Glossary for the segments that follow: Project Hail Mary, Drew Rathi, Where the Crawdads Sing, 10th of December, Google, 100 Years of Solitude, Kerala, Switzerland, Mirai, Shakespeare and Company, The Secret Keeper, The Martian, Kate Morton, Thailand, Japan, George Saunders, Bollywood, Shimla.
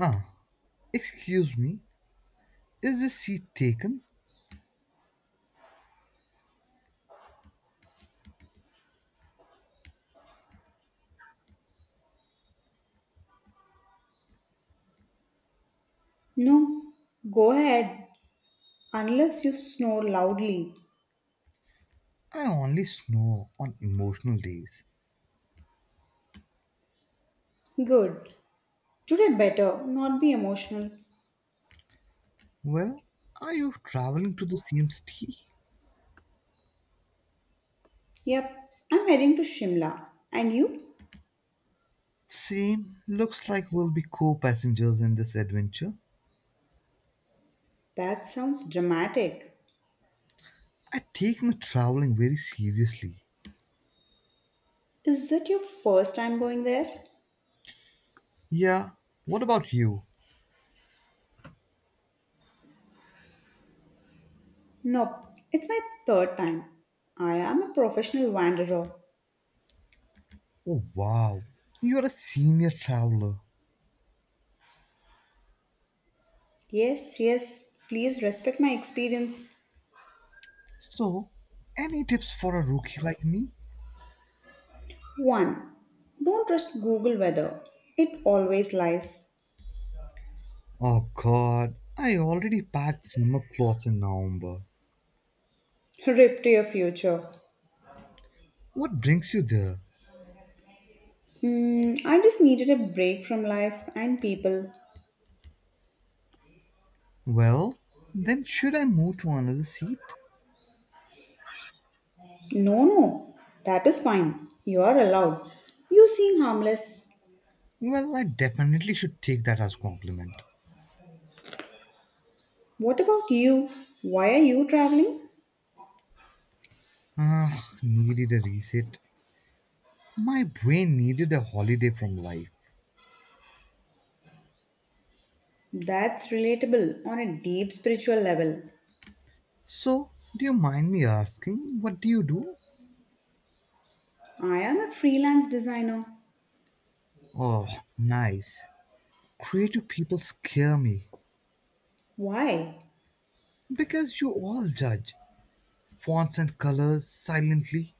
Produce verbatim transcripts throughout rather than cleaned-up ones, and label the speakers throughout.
Speaker 1: Ah, excuse me, is this seat taken?
Speaker 2: No, go ahead, unless you snore loudly.
Speaker 1: I only snore on emotional days.
Speaker 2: Good. Today better not be emotional.
Speaker 1: Well, are you traveling to the same city?
Speaker 2: Yep, I'm heading to Shimla. And you?
Speaker 1: Same. Looks like we'll be co passengers in this adventure.
Speaker 2: That sounds dramatic.
Speaker 1: I take my traveling very seriously.
Speaker 2: Is it your first time going there?
Speaker 1: Yeah, what about you?
Speaker 2: Nope, it's my third time. I am a professional wanderer.
Speaker 1: Oh, wow, you're a senior traveler.
Speaker 2: Yes, yes, please respect my experience.
Speaker 1: So, any tips for a rookie like me?
Speaker 2: one. Don't trust Google weather, it always lies.
Speaker 1: Oh god, I already packed summer clothes in November.
Speaker 2: Rip to your future.
Speaker 1: What brings you there?
Speaker 2: Mm, I just needed a break from life and people.
Speaker 1: Well, then should I move to another seat?
Speaker 2: No, no, that is fine. You are allowed. You seem harmless.
Speaker 1: Well, I definitely should take that as compliment.
Speaker 2: What about you? Why are you traveling?
Speaker 1: Ah, needed a reset. My brain needed a holiday from life.
Speaker 2: That's relatable on a deep spiritual level.
Speaker 1: So, do you mind me asking, what do you do?
Speaker 2: I am a freelance designer.
Speaker 1: Oh, nice. Creative people scare me
Speaker 2: Why?
Speaker 1: because you all judge fonts and colors silently.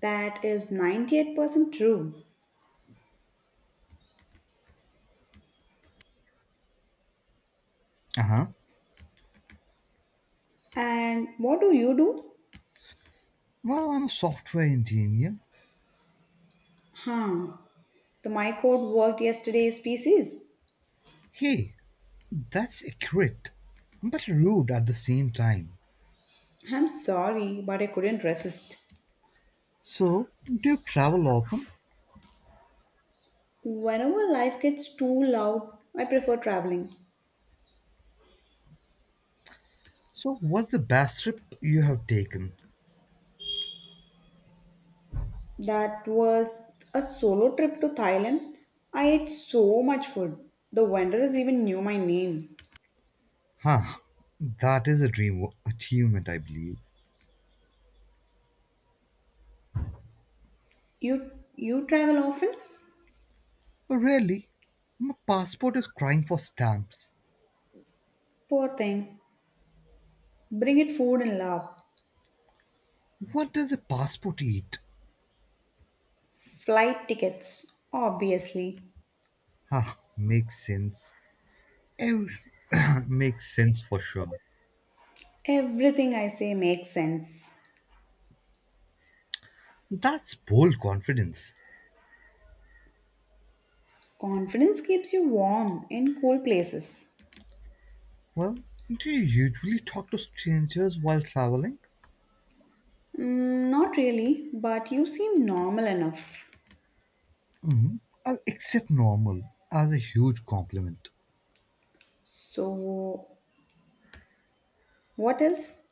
Speaker 2: That is ninety-eight percent true.
Speaker 1: Uh huh.
Speaker 2: And what do you do?
Speaker 1: Well, I'm a software engineer.
Speaker 2: Huh. The my code worked yesterday's pieces.
Speaker 1: Hey, that's accurate, but rude at the same time.
Speaker 2: I'm sorry, but I couldn't resist.
Speaker 1: So, do you travel often?
Speaker 2: Whenever life gets too loud, I prefer traveling.
Speaker 1: So, what's the best trip you have taken?
Speaker 2: That was a solo trip to Thailand. I ate so much food. The vendors even knew my name.
Speaker 1: Huh, that is a dream wo- achievement, I believe.
Speaker 2: You you travel often?
Speaker 1: Really? My passport is crying for stamps.
Speaker 2: Poor thing. Bring it food and love.
Speaker 1: What does a passport eat?
Speaker 2: Flight tickets, obviously.
Speaker 1: Huh, makes sense. Ev- makes sense for sure.
Speaker 2: Everything I say makes sense.
Speaker 1: That's bold confidence.
Speaker 2: Confidence keeps you warm in cool places.
Speaker 1: Well, do you usually talk to strangers while traveling?
Speaker 2: Mm, not really, but you seem normal enough.
Speaker 1: hmm I'll accept normal as a huge compliment.
Speaker 2: So, what else?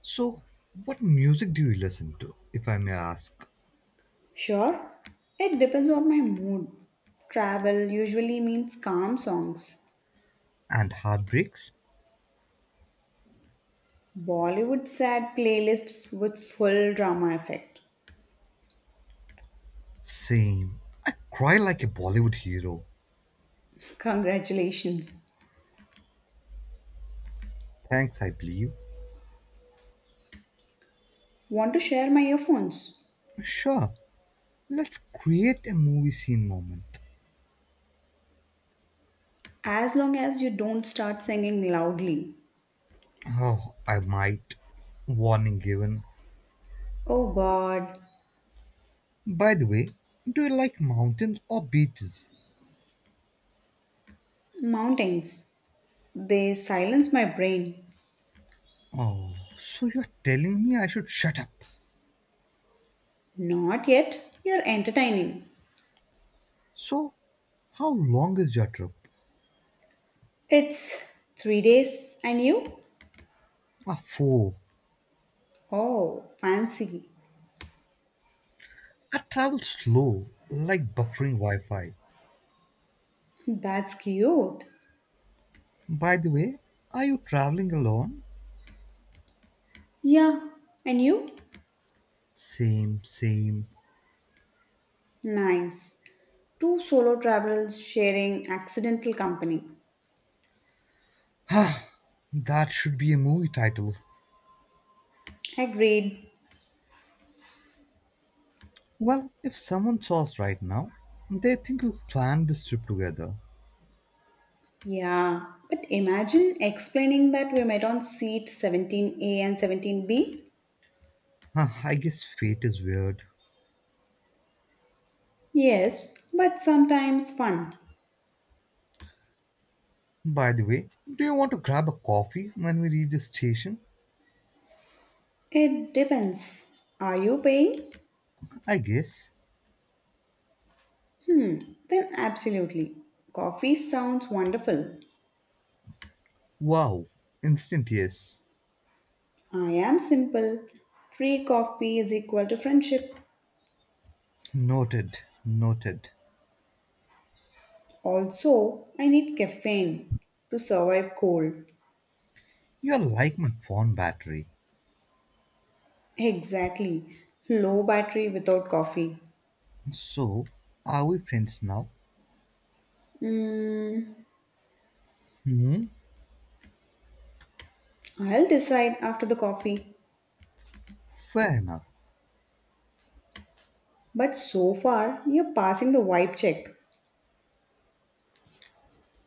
Speaker 1: So, what music do you listen to, if I may ask?
Speaker 2: Sure, it depends on my mood. Travel usually means calm songs.
Speaker 1: And heartbreaks?
Speaker 2: Bollywood sad playlists with full drama effect.
Speaker 1: Same. I cry like a Bollywood hero.
Speaker 2: Congratulations.
Speaker 1: Thanks, I believe.
Speaker 2: Want to share my earphones?
Speaker 1: Sure, let's create a movie scene moment.
Speaker 2: As long as you don't start singing loudly.
Speaker 1: Oh, I might. Warning given.
Speaker 2: Oh god,
Speaker 1: By the way, do you like mountains or beaches?
Speaker 2: mountains. They silence my brain.
Speaker 1: Oh, so you're telling me I should shut up.
Speaker 2: Not yet. You're entertaining.
Speaker 1: So, how long is your trip?
Speaker 2: It's three days, and you?
Speaker 1: Ah, four.
Speaker 2: Oh, fancy.
Speaker 1: I travel slow, like buffering Wi Fi.
Speaker 2: That's cute.
Speaker 1: By the way, are you traveling alone?
Speaker 2: Yeah, and you?
Speaker 1: Same, same.
Speaker 2: Nice. Two solo travelers sharing accidental company.
Speaker 1: Ah, that should be a movie title.
Speaker 2: Agreed.
Speaker 1: Well, if someone saw us right now, they think we planned this trip together.
Speaker 2: Yeah, but imagine explaining that we met on seat seventeen A and seventeen B.
Speaker 1: Huh, I guess fate is weird.
Speaker 2: Yes, but sometimes fun.
Speaker 1: By the way, do you want to grab a coffee when we reach the station?
Speaker 2: It depends. Are you paying?
Speaker 1: I guess.
Speaker 2: Hmm, then absolutely. Coffee sounds wonderful.
Speaker 1: Wow, instant yes.
Speaker 2: I am simple. Free coffee is equal to friendship.
Speaker 1: Noted, noted.
Speaker 2: Also, I need caffeine to survive cold.
Speaker 1: You're like my phone battery.
Speaker 2: Exactly. Low battery without coffee.
Speaker 1: So, are we friends now?
Speaker 2: Mm,
Speaker 1: Hmm,
Speaker 2: I'll decide after the coffee.
Speaker 1: fair enough.
Speaker 2: But so far, you're passing the vibe check.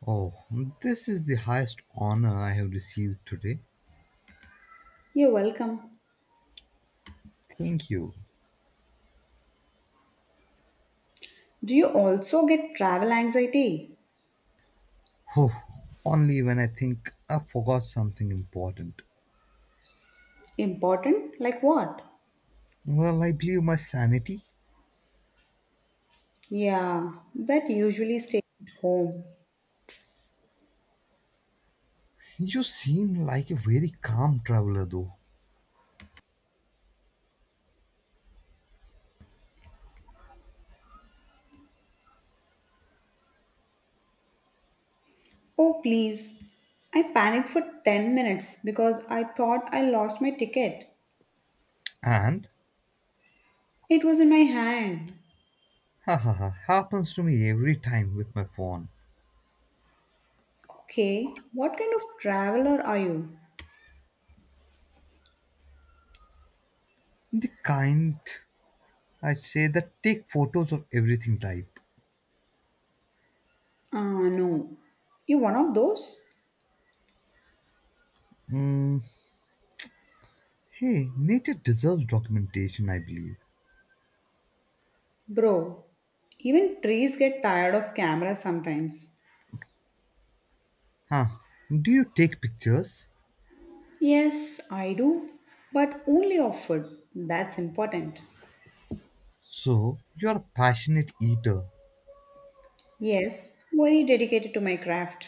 Speaker 1: Oh, this is the highest honor I have received today.
Speaker 2: You're welcome.
Speaker 1: Thank you.
Speaker 2: Do you also get travel anxiety?
Speaker 1: Whew, only when I think I forgot something important.
Speaker 2: Important? Like what?
Speaker 1: Well, I believe my sanity.
Speaker 2: Yeah, that usually stays at home.
Speaker 1: You seem like a very calm traveler, though.
Speaker 2: Oh, please. I panicked for ten minutes because I thought I lost my ticket.
Speaker 1: And,
Speaker 2: It was in my hand.
Speaker 1: ha ha ha, happens to me every time with my phone.
Speaker 2: Okay, what kind of traveler are you?
Speaker 1: The kind, I'd say, that take photos of everything type.
Speaker 2: Ah, no. You one of those?
Speaker 1: Hey, nature deserves documentation, I believe.
Speaker 2: Bro, even trees get tired of cameras sometimes.
Speaker 1: Huh, do you take pictures?
Speaker 2: Yes, I do. But only of food. That's important.
Speaker 1: So, you're a passionate eater.
Speaker 2: Yes, very dedicated to my craft.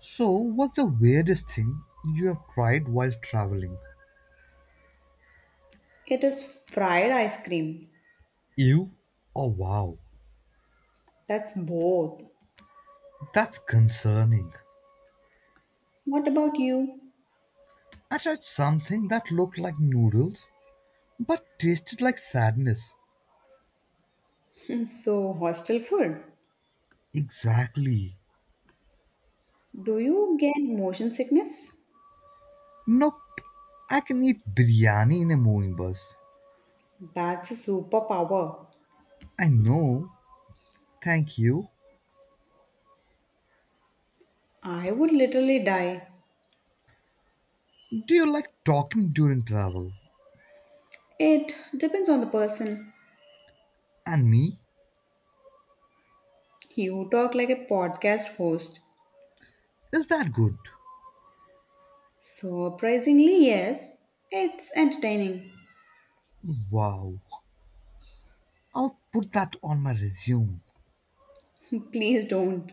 Speaker 1: So, what's the weirdest thing you have tried while traveling?
Speaker 2: It is fried ice cream.
Speaker 1: You? Oh wow,
Speaker 2: That's both.
Speaker 1: that's concerning.
Speaker 2: What about you?
Speaker 1: I tried something that looked like noodles but tasted like sadness.
Speaker 2: So, hostel food.
Speaker 1: Exactly.
Speaker 2: Do you get motion sickness?
Speaker 1: Nope, I can eat biryani in a moving bus.
Speaker 2: That's a superpower.
Speaker 1: I know, thank you.
Speaker 2: I would literally die.
Speaker 1: Do you like talking during travel?
Speaker 2: It depends on the person.
Speaker 1: And me?
Speaker 2: You talk like a podcast host.
Speaker 1: Is that good?
Speaker 2: Surprisingly, yes. It's entertaining.
Speaker 1: Wow, I'll put that on my resume.
Speaker 2: Please don't.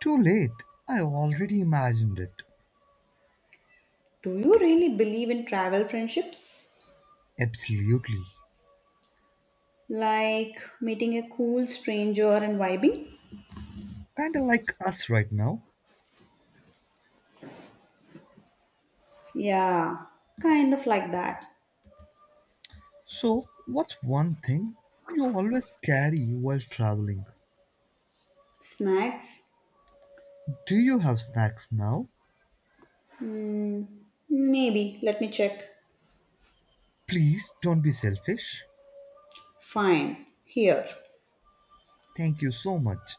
Speaker 1: Too late, I already imagined it.
Speaker 2: Do you really believe in travel friendships?
Speaker 1: Absolutely.
Speaker 2: Like meeting a cool stranger and vibing?
Speaker 1: Kinda like us right now.
Speaker 2: Yeah, kind of like that.
Speaker 1: So, what's one thing you always carry while traveling?
Speaker 2: Snacks?
Speaker 1: Do you have snacks now?
Speaker 2: Maybe. Let me check.
Speaker 1: Please don't be selfish.
Speaker 2: Fine. Here.
Speaker 1: Thank you so much.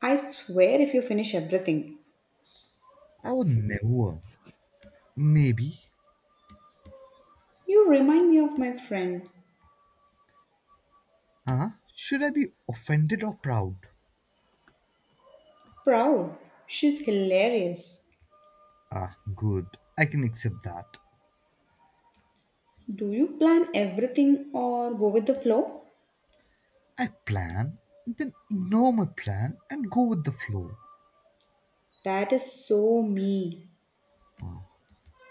Speaker 2: I swear if you finish everything.
Speaker 1: I would never. Maybe.
Speaker 2: You remind me of my friend.
Speaker 1: Huh? Should I be offended or proud?
Speaker 2: Proud. She's hilarious.
Speaker 1: Ah, good. I can accept that.
Speaker 2: Do you plan everything or go with the flow?
Speaker 1: I plan, then ignore my plan and go with the flow.
Speaker 2: That is so me.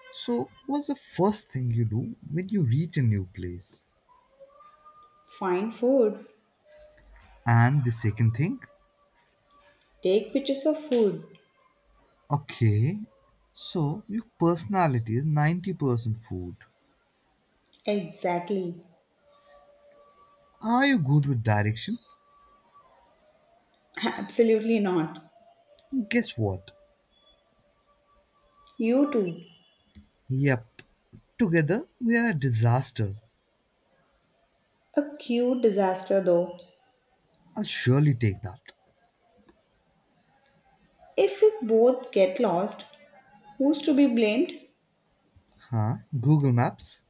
Speaker 1: So, what's the first thing you do when you reach a new place?
Speaker 2: Find food,
Speaker 1: And the second thing?
Speaker 2: take pictures of food.
Speaker 1: Okay, so your personality is ninety percent food.
Speaker 2: Exactly.
Speaker 1: Are you good with direction?
Speaker 2: Absolutely not.
Speaker 1: Guess what?
Speaker 2: You too.
Speaker 1: Yep. Together, we are a disaster.
Speaker 2: A cute disaster though.
Speaker 1: I'll surely take that.
Speaker 2: If we both get lost, who's to be blamed?
Speaker 1: Huh? Google Maps?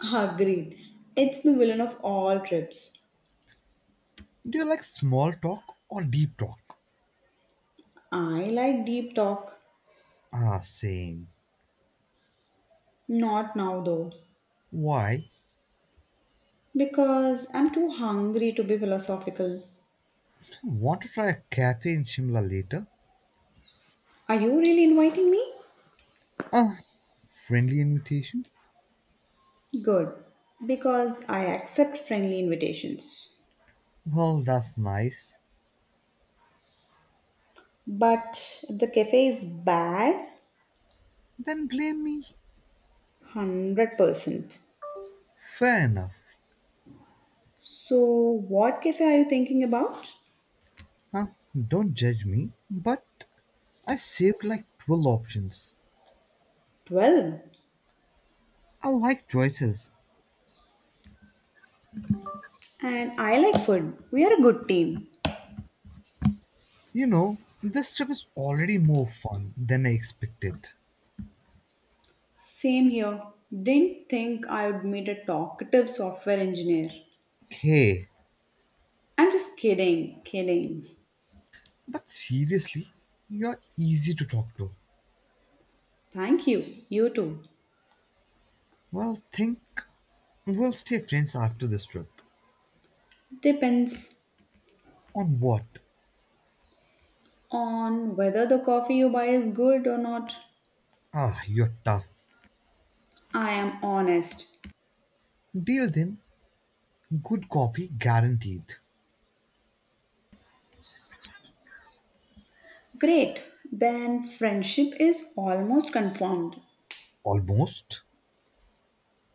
Speaker 2: Agreed. It's the villain of all trips.
Speaker 1: Do you like small talk or deep talk?
Speaker 2: I like deep talk.
Speaker 1: Ah, same.
Speaker 2: Not now though,
Speaker 1: Why?
Speaker 2: because I'm too hungry to be philosophical.
Speaker 1: Want to try a cafe in Shimla later?
Speaker 2: Are you really inviting me?
Speaker 1: Ah, friendly invitation?
Speaker 2: Good, because I accept friendly invitations.
Speaker 1: Well, that's nice.
Speaker 2: But if the cafe is bad,
Speaker 1: Then blame me.
Speaker 2: one hundred percent.
Speaker 1: Fair enough.
Speaker 2: So, what cafe are you thinking about?
Speaker 1: Huh? Don't judge me, but I saved like twelve options.
Speaker 2: twelve.
Speaker 1: I like choices.
Speaker 2: And I like food. We are a good team.
Speaker 1: You know, this trip is already more fun than I expected.
Speaker 2: Same here. Didn't think I would meet a talkative software engineer.
Speaker 1: Hey,
Speaker 2: I'm just kidding, kidding.
Speaker 1: but seriously, you're easy to talk to.
Speaker 2: Thank you. You too.
Speaker 1: Well, think we'll stay friends after this trip.
Speaker 2: Depends
Speaker 1: On what?
Speaker 2: on whether the coffee you buy is good or not.
Speaker 1: Ah, you're tough.
Speaker 2: I am honest.
Speaker 1: Deal then, good coffee guaranteed.
Speaker 2: Great, then friendship is almost confirmed.
Speaker 1: Almost.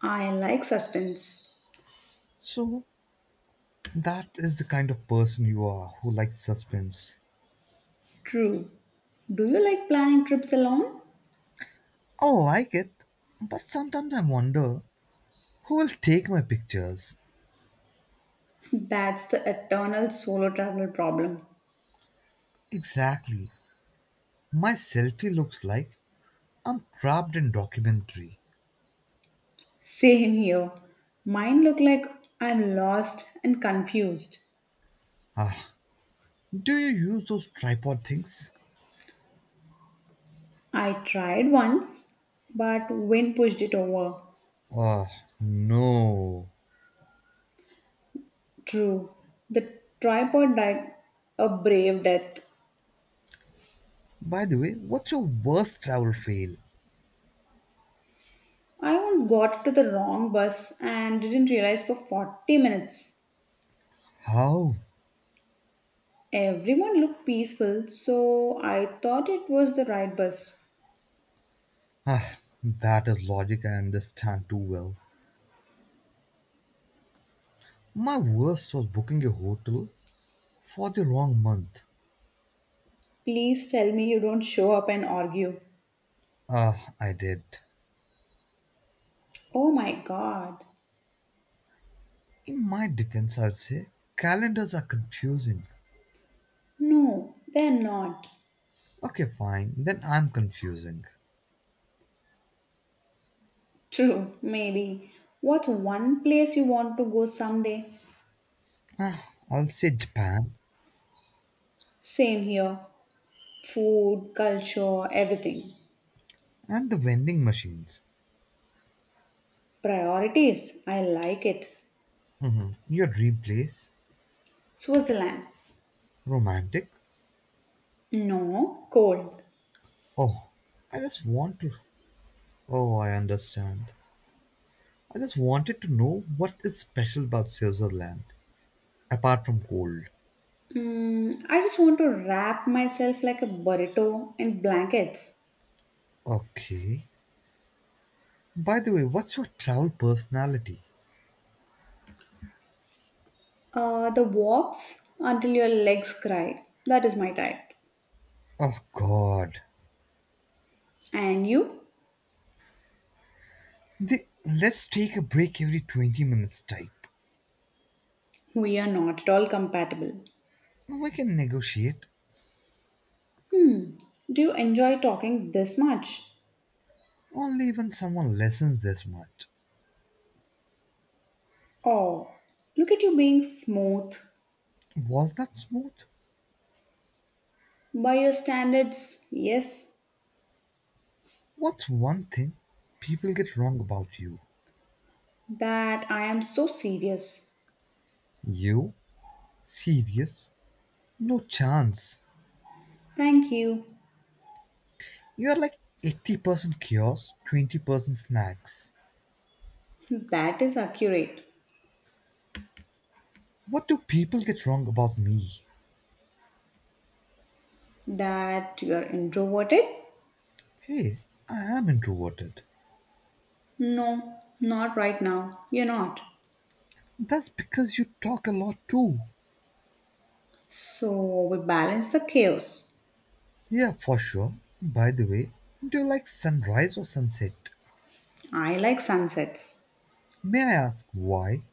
Speaker 2: I like suspense.
Speaker 1: So, that is the kind of person you are who likes suspense.
Speaker 2: True. Do you like planning trips alone?
Speaker 1: I like it, but sometimes I wonder, who will take my pictures?
Speaker 2: That's the eternal solo traveler problem.
Speaker 1: Exactly. My selfie looks like I'm trapped in documentary.
Speaker 2: Same here. Mine look like I'm lost and confused.
Speaker 1: Ah, do you use those tripod things?
Speaker 2: I tried once, but wind pushed it over.
Speaker 1: Ah, no.
Speaker 2: True. The tripod died a brave death.
Speaker 1: By the way, what's your worst travel fail?
Speaker 2: I once got to the wrong bus and didn't realize for forty minutes.
Speaker 1: How?
Speaker 2: Everyone looked peaceful, so I thought it was the right bus.
Speaker 1: Ah, that is logic I understand too well. My worst was booking a hotel for the wrong month.
Speaker 2: Please tell me you don't show up and argue.
Speaker 1: Ah, I did.
Speaker 2: Oh my god.
Speaker 1: In my defense, I'd say calendars are confusing.
Speaker 2: No, they're not.
Speaker 1: Okay, fine, then I'm confusing.
Speaker 2: True, maybe. What's one place you want to go someday?
Speaker 1: I'll say Japan
Speaker 2: Same here. Food, culture, everything.
Speaker 1: and the vending machines.
Speaker 2: Priorities. I like it.
Speaker 1: hmm Your dream place?
Speaker 2: Switzerland.
Speaker 1: Romantic?
Speaker 2: No, cold.
Speaker 1: Oh, I just want to. Oh, I understand. I just wanted to know what is special about Switzerland, apart from cold.
Speaker 2: Mm, I just want to wrap myself like a burrito in blankets.
Speaker 1: Okay. By the way, what's your travel personality?
Speaker 2: Uh, the walks until your legs cry. That is my type.
Speaker 1: Oh, God.
Speaker 2: And you?
Speaker 1: The, let's take a break every twenty minutes type.
Speaker 2: We are not at all compatible.
Speaker 1: We can negotiate,
Speaker 2: Do you enjoy talking this much?
Speaker 1: only when someone lessens this much.
Speaker 2: Oh, look at you being smooth.
Speaker 1: Was that smooth?
Speaker 2: By your standards, yes,
Speaker 1: What's one thing people get wrong about you?
Speaker 2: that I am so serious.
Speaker 1: You? Serious? No chance.
Speaker 2: Thank you.
Speaker 1: You're like eighty percent chaos, twenty percent snacks.
Speaker 2: That is accurate.
Speaker 1: What do people get wrong about me?
Speaker 2: That you are introverted?
Speaker 1: Hey, I am introverted.
Speaker 2: No, not right now. You're not.
Speaker 1: That's because you talk a lot too.
Speaker 2: So we balance the chaos.
Speaker 1: Yeah, for sure. By the way, do you like sunrise or sunset?
Speaker 2: I like sunsets.
Speaker 1: May I ask why?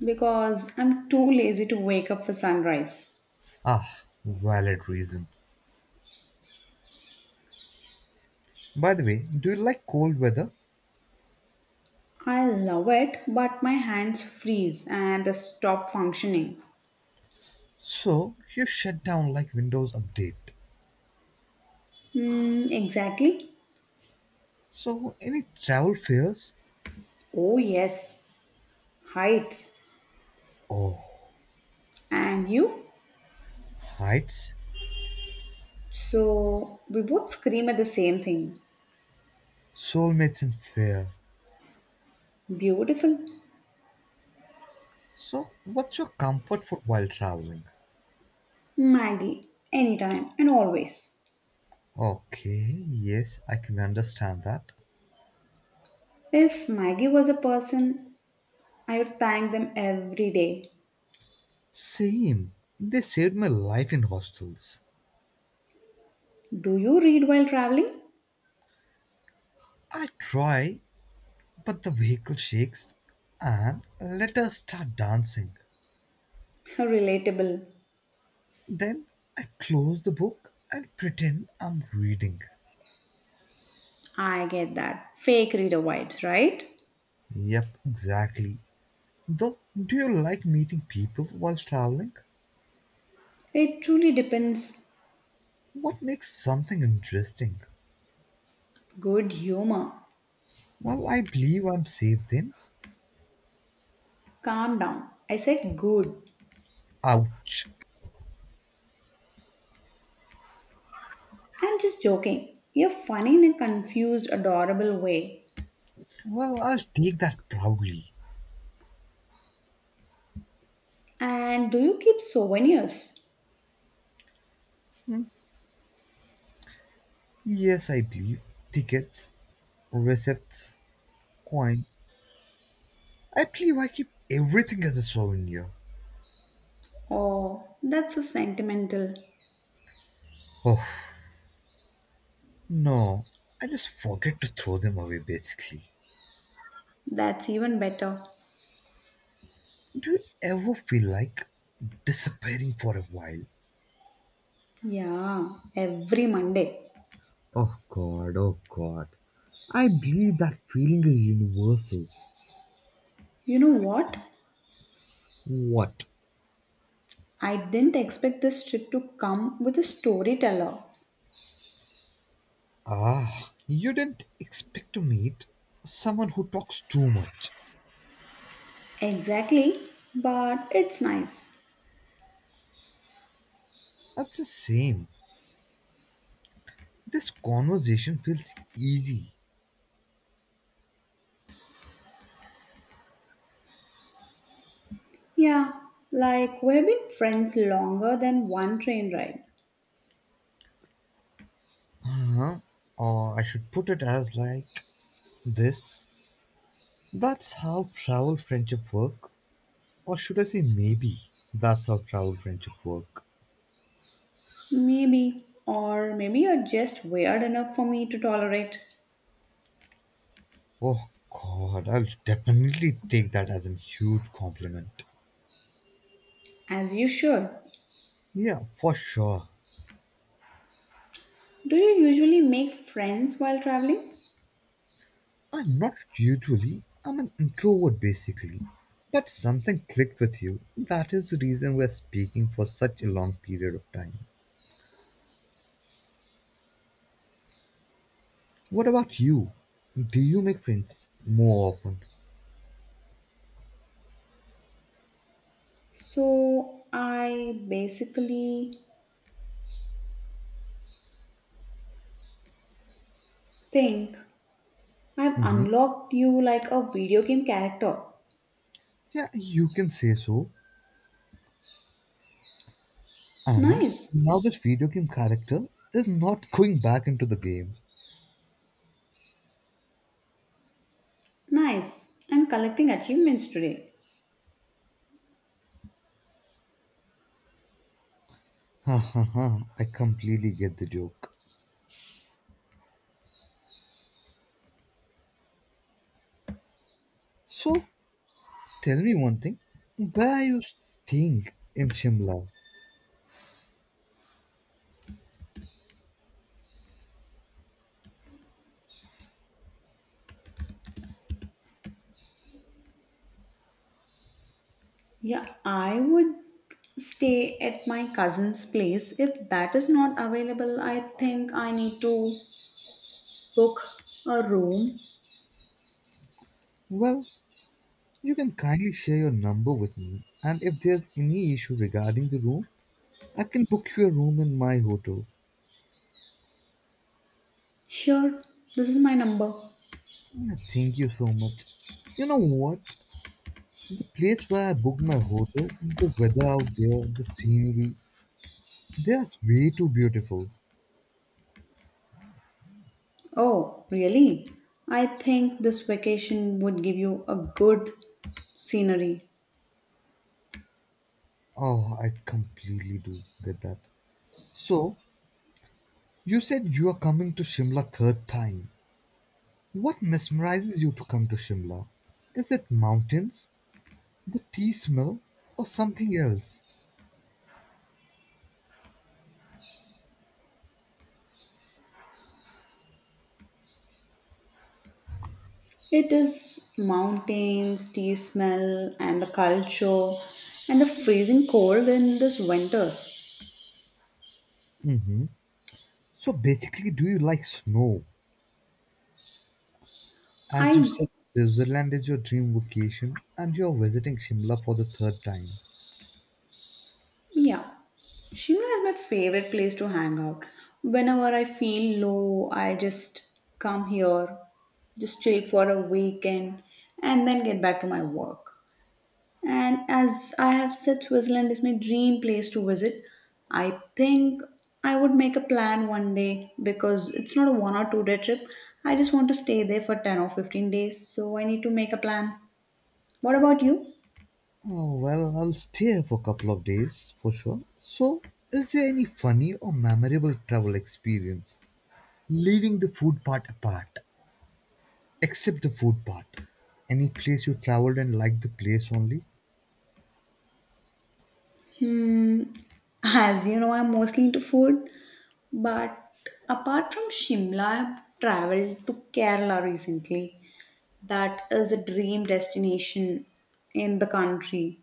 Speaker 2: Because I'm too lazy to wake up for sunrise.
Speaker 1: Ah, valid reason. By the way, do you like cold weather?
Speaker 2: I love it, but my hands freeze and they stop functioning.
Speaker 1: So you shut down like Windows Update.
Speaker 2: Hmm, exactly.
Speaker 1: So, any travel fears?
Speaker 2: Oh, yes, heights.
Speaker 1: Oh,
Speaker 2: And you?
Speaker 1: heights?
Speaker 2: So, we both scream at the same thing.
Speaker 1: Soulmates in fear.
Speaker 2: Beautiful.
Speaker 1: So, what's your comfort food while traveling?
Speaker 2: Maggie, anytime and always.
Speaker 1: Okay, yes, I can understand that.
Speaker 2: If Maggie was a person, I would thank them every day.
Speaker 1: Same. They saved my life in hostels.
Speaker 2: Do you read while traveling?
Speaker 1: I try, but the vehicle shakes and let us start dancing.
Speaker 2: Relatable.
Speaker 1: Then I close the book and pretend I'm reading.
Speaker 2: I get that. Fake reader vibes, right?
Speaker 1: Yep, exactly. Though, do you like meeting people while traveling?
Speaker 2: It truly depends.
Speaker 1: What makes something interesting?
Speaker 2: Good humor.
Speaker 1: Well, I believe I'm safe then.
Speaker 2: Calm down. I said good.
Speaker 1: Ouch.
Speaker 2: I'm just joking. You're funny in a confused, adorable way.
Speaker 1: Well, I'll take that proudly.
Speaker 2: And do you keep souvenirs?
Speaker 1: Yes, I believe. Tickets, receipts, coins. I believe I keep everything as a souvenir.
Speaker 2: Oh, that's so sentimental.
Speaker 1: Oh, no. I just forget to throw them away basically.
Speaker 2: That's even better.
Speaker 1: Do you ever feel like disappearing for a while?
Speaker 2: Yeah, every Monday.
Speaker 1: Oh god, oh god. I believe that feeling is universal.
Speaker 2: You know what?
Speaker 1: What?
Speaker 2: I didn't expect this trip to come with a storyteller.
Speaker 1: Ah, you didn't expect to meet someone who talks too much.
Speaker 2: Exactly, but it's nice.
Speaker 1: That's the same. This conversation feels easy.
Speaker 2: Yeah, like we've been friends longer than one train ride.
Speaker 1: Huh? Or I should put it as like this. That's how travel friendship work. Or should I say maybe? That's how travel friendship work.
Speaker 2: Maybe, or maybe you're just weird enough for me to tolerate,
Speaker 1: Oh god, I'll definitely take that as a huge compliment.
Speaker 2: as you should.
Speaker 1: Yeah, for sure.
Speaker 2: Do you usually make friends while traveling?
Speaker 1: I'm not usually. I'm an introvert basically. But something clicked with you. That is the reason we're speaking for such a long period of time. What about you? Do you make friends more often?
Speaker 2: So, I basically think I've
Speaker 1: hmm
Speaker 2: unlocked you like a video game character.
Speaker 1: Yeah, you can say so. And
Speaker 2: Nice,
Speaker 1: now this video game character is not going back into the game.
Speaker 2: nice. I'm collecting achievements today.
Speaker 1: Ha ha ha, I completely get the joke. So, tell me one thing. Where are you staying in Shimla?
Speaker 2: Yeah, I would stay at my cousin's place. If that is not available, I think I need to book a room.
Speaker 1: Well, you can kindly share your number with me, and if there's any issue regarding the room, I can book you a room in my hotel.
Speaker 2: Sure, this is my number.
Speaker 1: Yeah, thank you so much. You know what? The place where I booked my hotel, the weather out there, the scenery, they are way too beautiful.
Speaker 2: Oh, really? I think this vacation would give you a good scenery.
Speaker 1: Oh, I completely do get that. So, you said you are coming to Shimla third time. What mesmerizes you to come to Shimla? Is it mountains, the tea smell, or something else?
Speaker 2: It is mountains, tea smell, and the culture, and the freezing cold in this winters.
Speaker 1: Mhm. So basically, do you like snow? As you
Speaker 2: I,
Speaker 1: said, Switzerland is your dream vacation and you're visiting Shimla for the third time.
Speaker 2: yeah, Shimla is my favorite place to hang out. Whenever I feel low, I just come here, just chill for a weekend, and then get back to my work. And as I have said, Switzerland is my dream place to visit. I think I would make a plan one day because it's not a one or two day trip. I just want to stay there for ten or fifteen days, so I need to make a plan. What about you?
Speaker 1: Oh, well, I'll stay here for a couple of days for sure. So, is there any funny or memorable travel experience? Leaving the food part apart, except the food part. Any place you traveled and liked the place only?
Speaker 2: Hmm, as you know, I'm mostly into food, but apart from Shimla, I've traveled to Kerala recently. That is a dream destination in the country.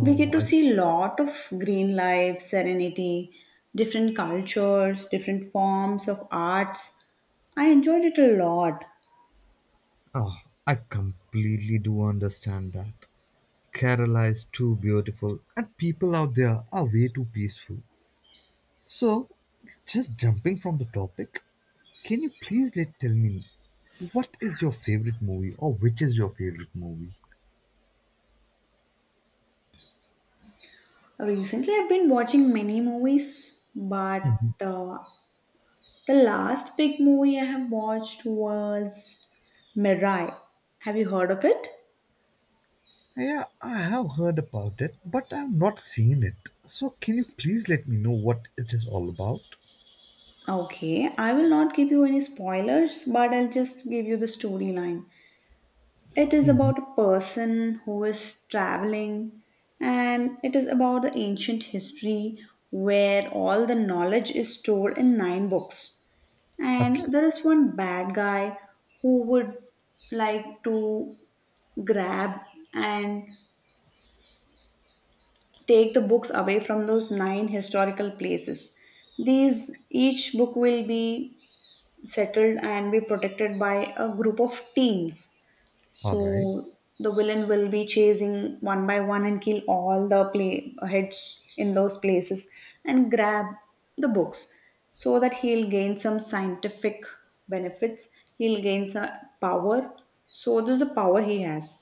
Speaker 2: We get to
Speaker 1: I
Speaker 2: see lot of green life serenity, different cultures, different forms of arts. I enjoyed it a lot.
Speaker 1: oh, I completely do understand that. Kerala is too beautiful. And people out there are way too peaceful. So, just jumping from the topic, can you please let tell me what is your favorite movie or which is your favorite movie?
Speaker 2: Recently I've been watching many movies, but
Speaker 1: Mhm.
Speaker 2: uh, the last big movie I have watched was Mirai. Have you heard of it?
Speaker 1: Yeah, I have heard about it, but I've not seen it. So, can you please let me know what it is all about?
Speaker 2: Okay, I will not give you any spoilers, but I'll just give you the storyline. It is
Speaker 1: Mhm.
Speaker 2: about a person who is traveling, and it is about the ancient history where all the knowledge is stored in nine books.
Speaker 1: Okay,
Speaker 2: And there is one bad guy who would like to grab and take the books away from those nine historical places. These each book will be settled and be protected by a group of teens.
Speaker 1: all
Speaker 2: So
Speaker 1: right.
Speaker 2: the villain will be chasing one by one and kill all the play heads in those places and grab the books so that he'll gain some scientific benefits. He'll gain some power. So this is the power he has.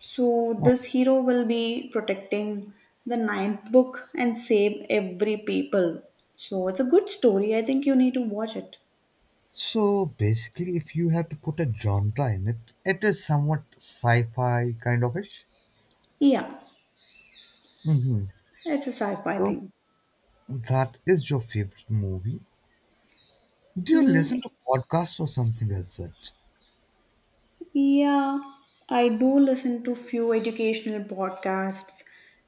Speaker 2: So
Speaker 1: Uh,
Speaker 2: this hero will be protecting the ninth book and save every people. So it's a good story. I think you need to watch it.
Speaker 1: So basically, if you have to put a genre in it, it is somewhat sci-fi kind of ish.
Speaker 2: Yeah,
Speaker 1: Mhm.
Speaker 2: it's a sci-fi
Speaker 1: So
Speaker 2: thing.
Speaker 1: that is your favorite movie. Do you
Speaker 2: Mm,
Speaker 1: listen to podcasts or something as such?
Speaker 2: Yeah, I do listen to few educational podcasts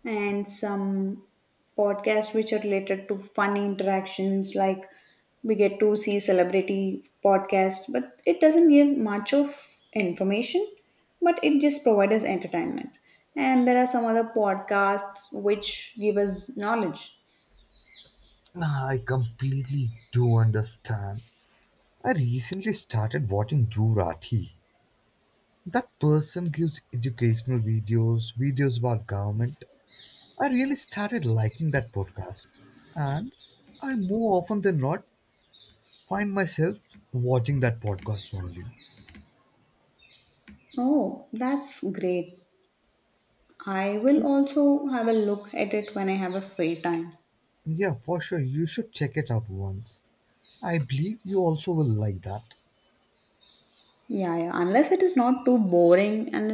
Speaker 2: and some podcasts which are related to fun interactions. Like, we get to see celebrity podcast, but it doesn't give much of information, but it just provides us entertainment. And there are some other podcasts which give us knowledge.
Speaker 1: Nah, I completely do understand. I recently started watching Drew Rathi. That person gives educational videos, videos about government. I really started liking that podcast. And I more often than not find myself watching that podcast only.
Speaker 2: Oh, that's great. I will also have a look at it when I have a free time.
Speaker 1: Yeah, for sure, you should check it out once. I believe you also will like that.
Speaker 2: Yeah, yeah. Unless it is not too boring and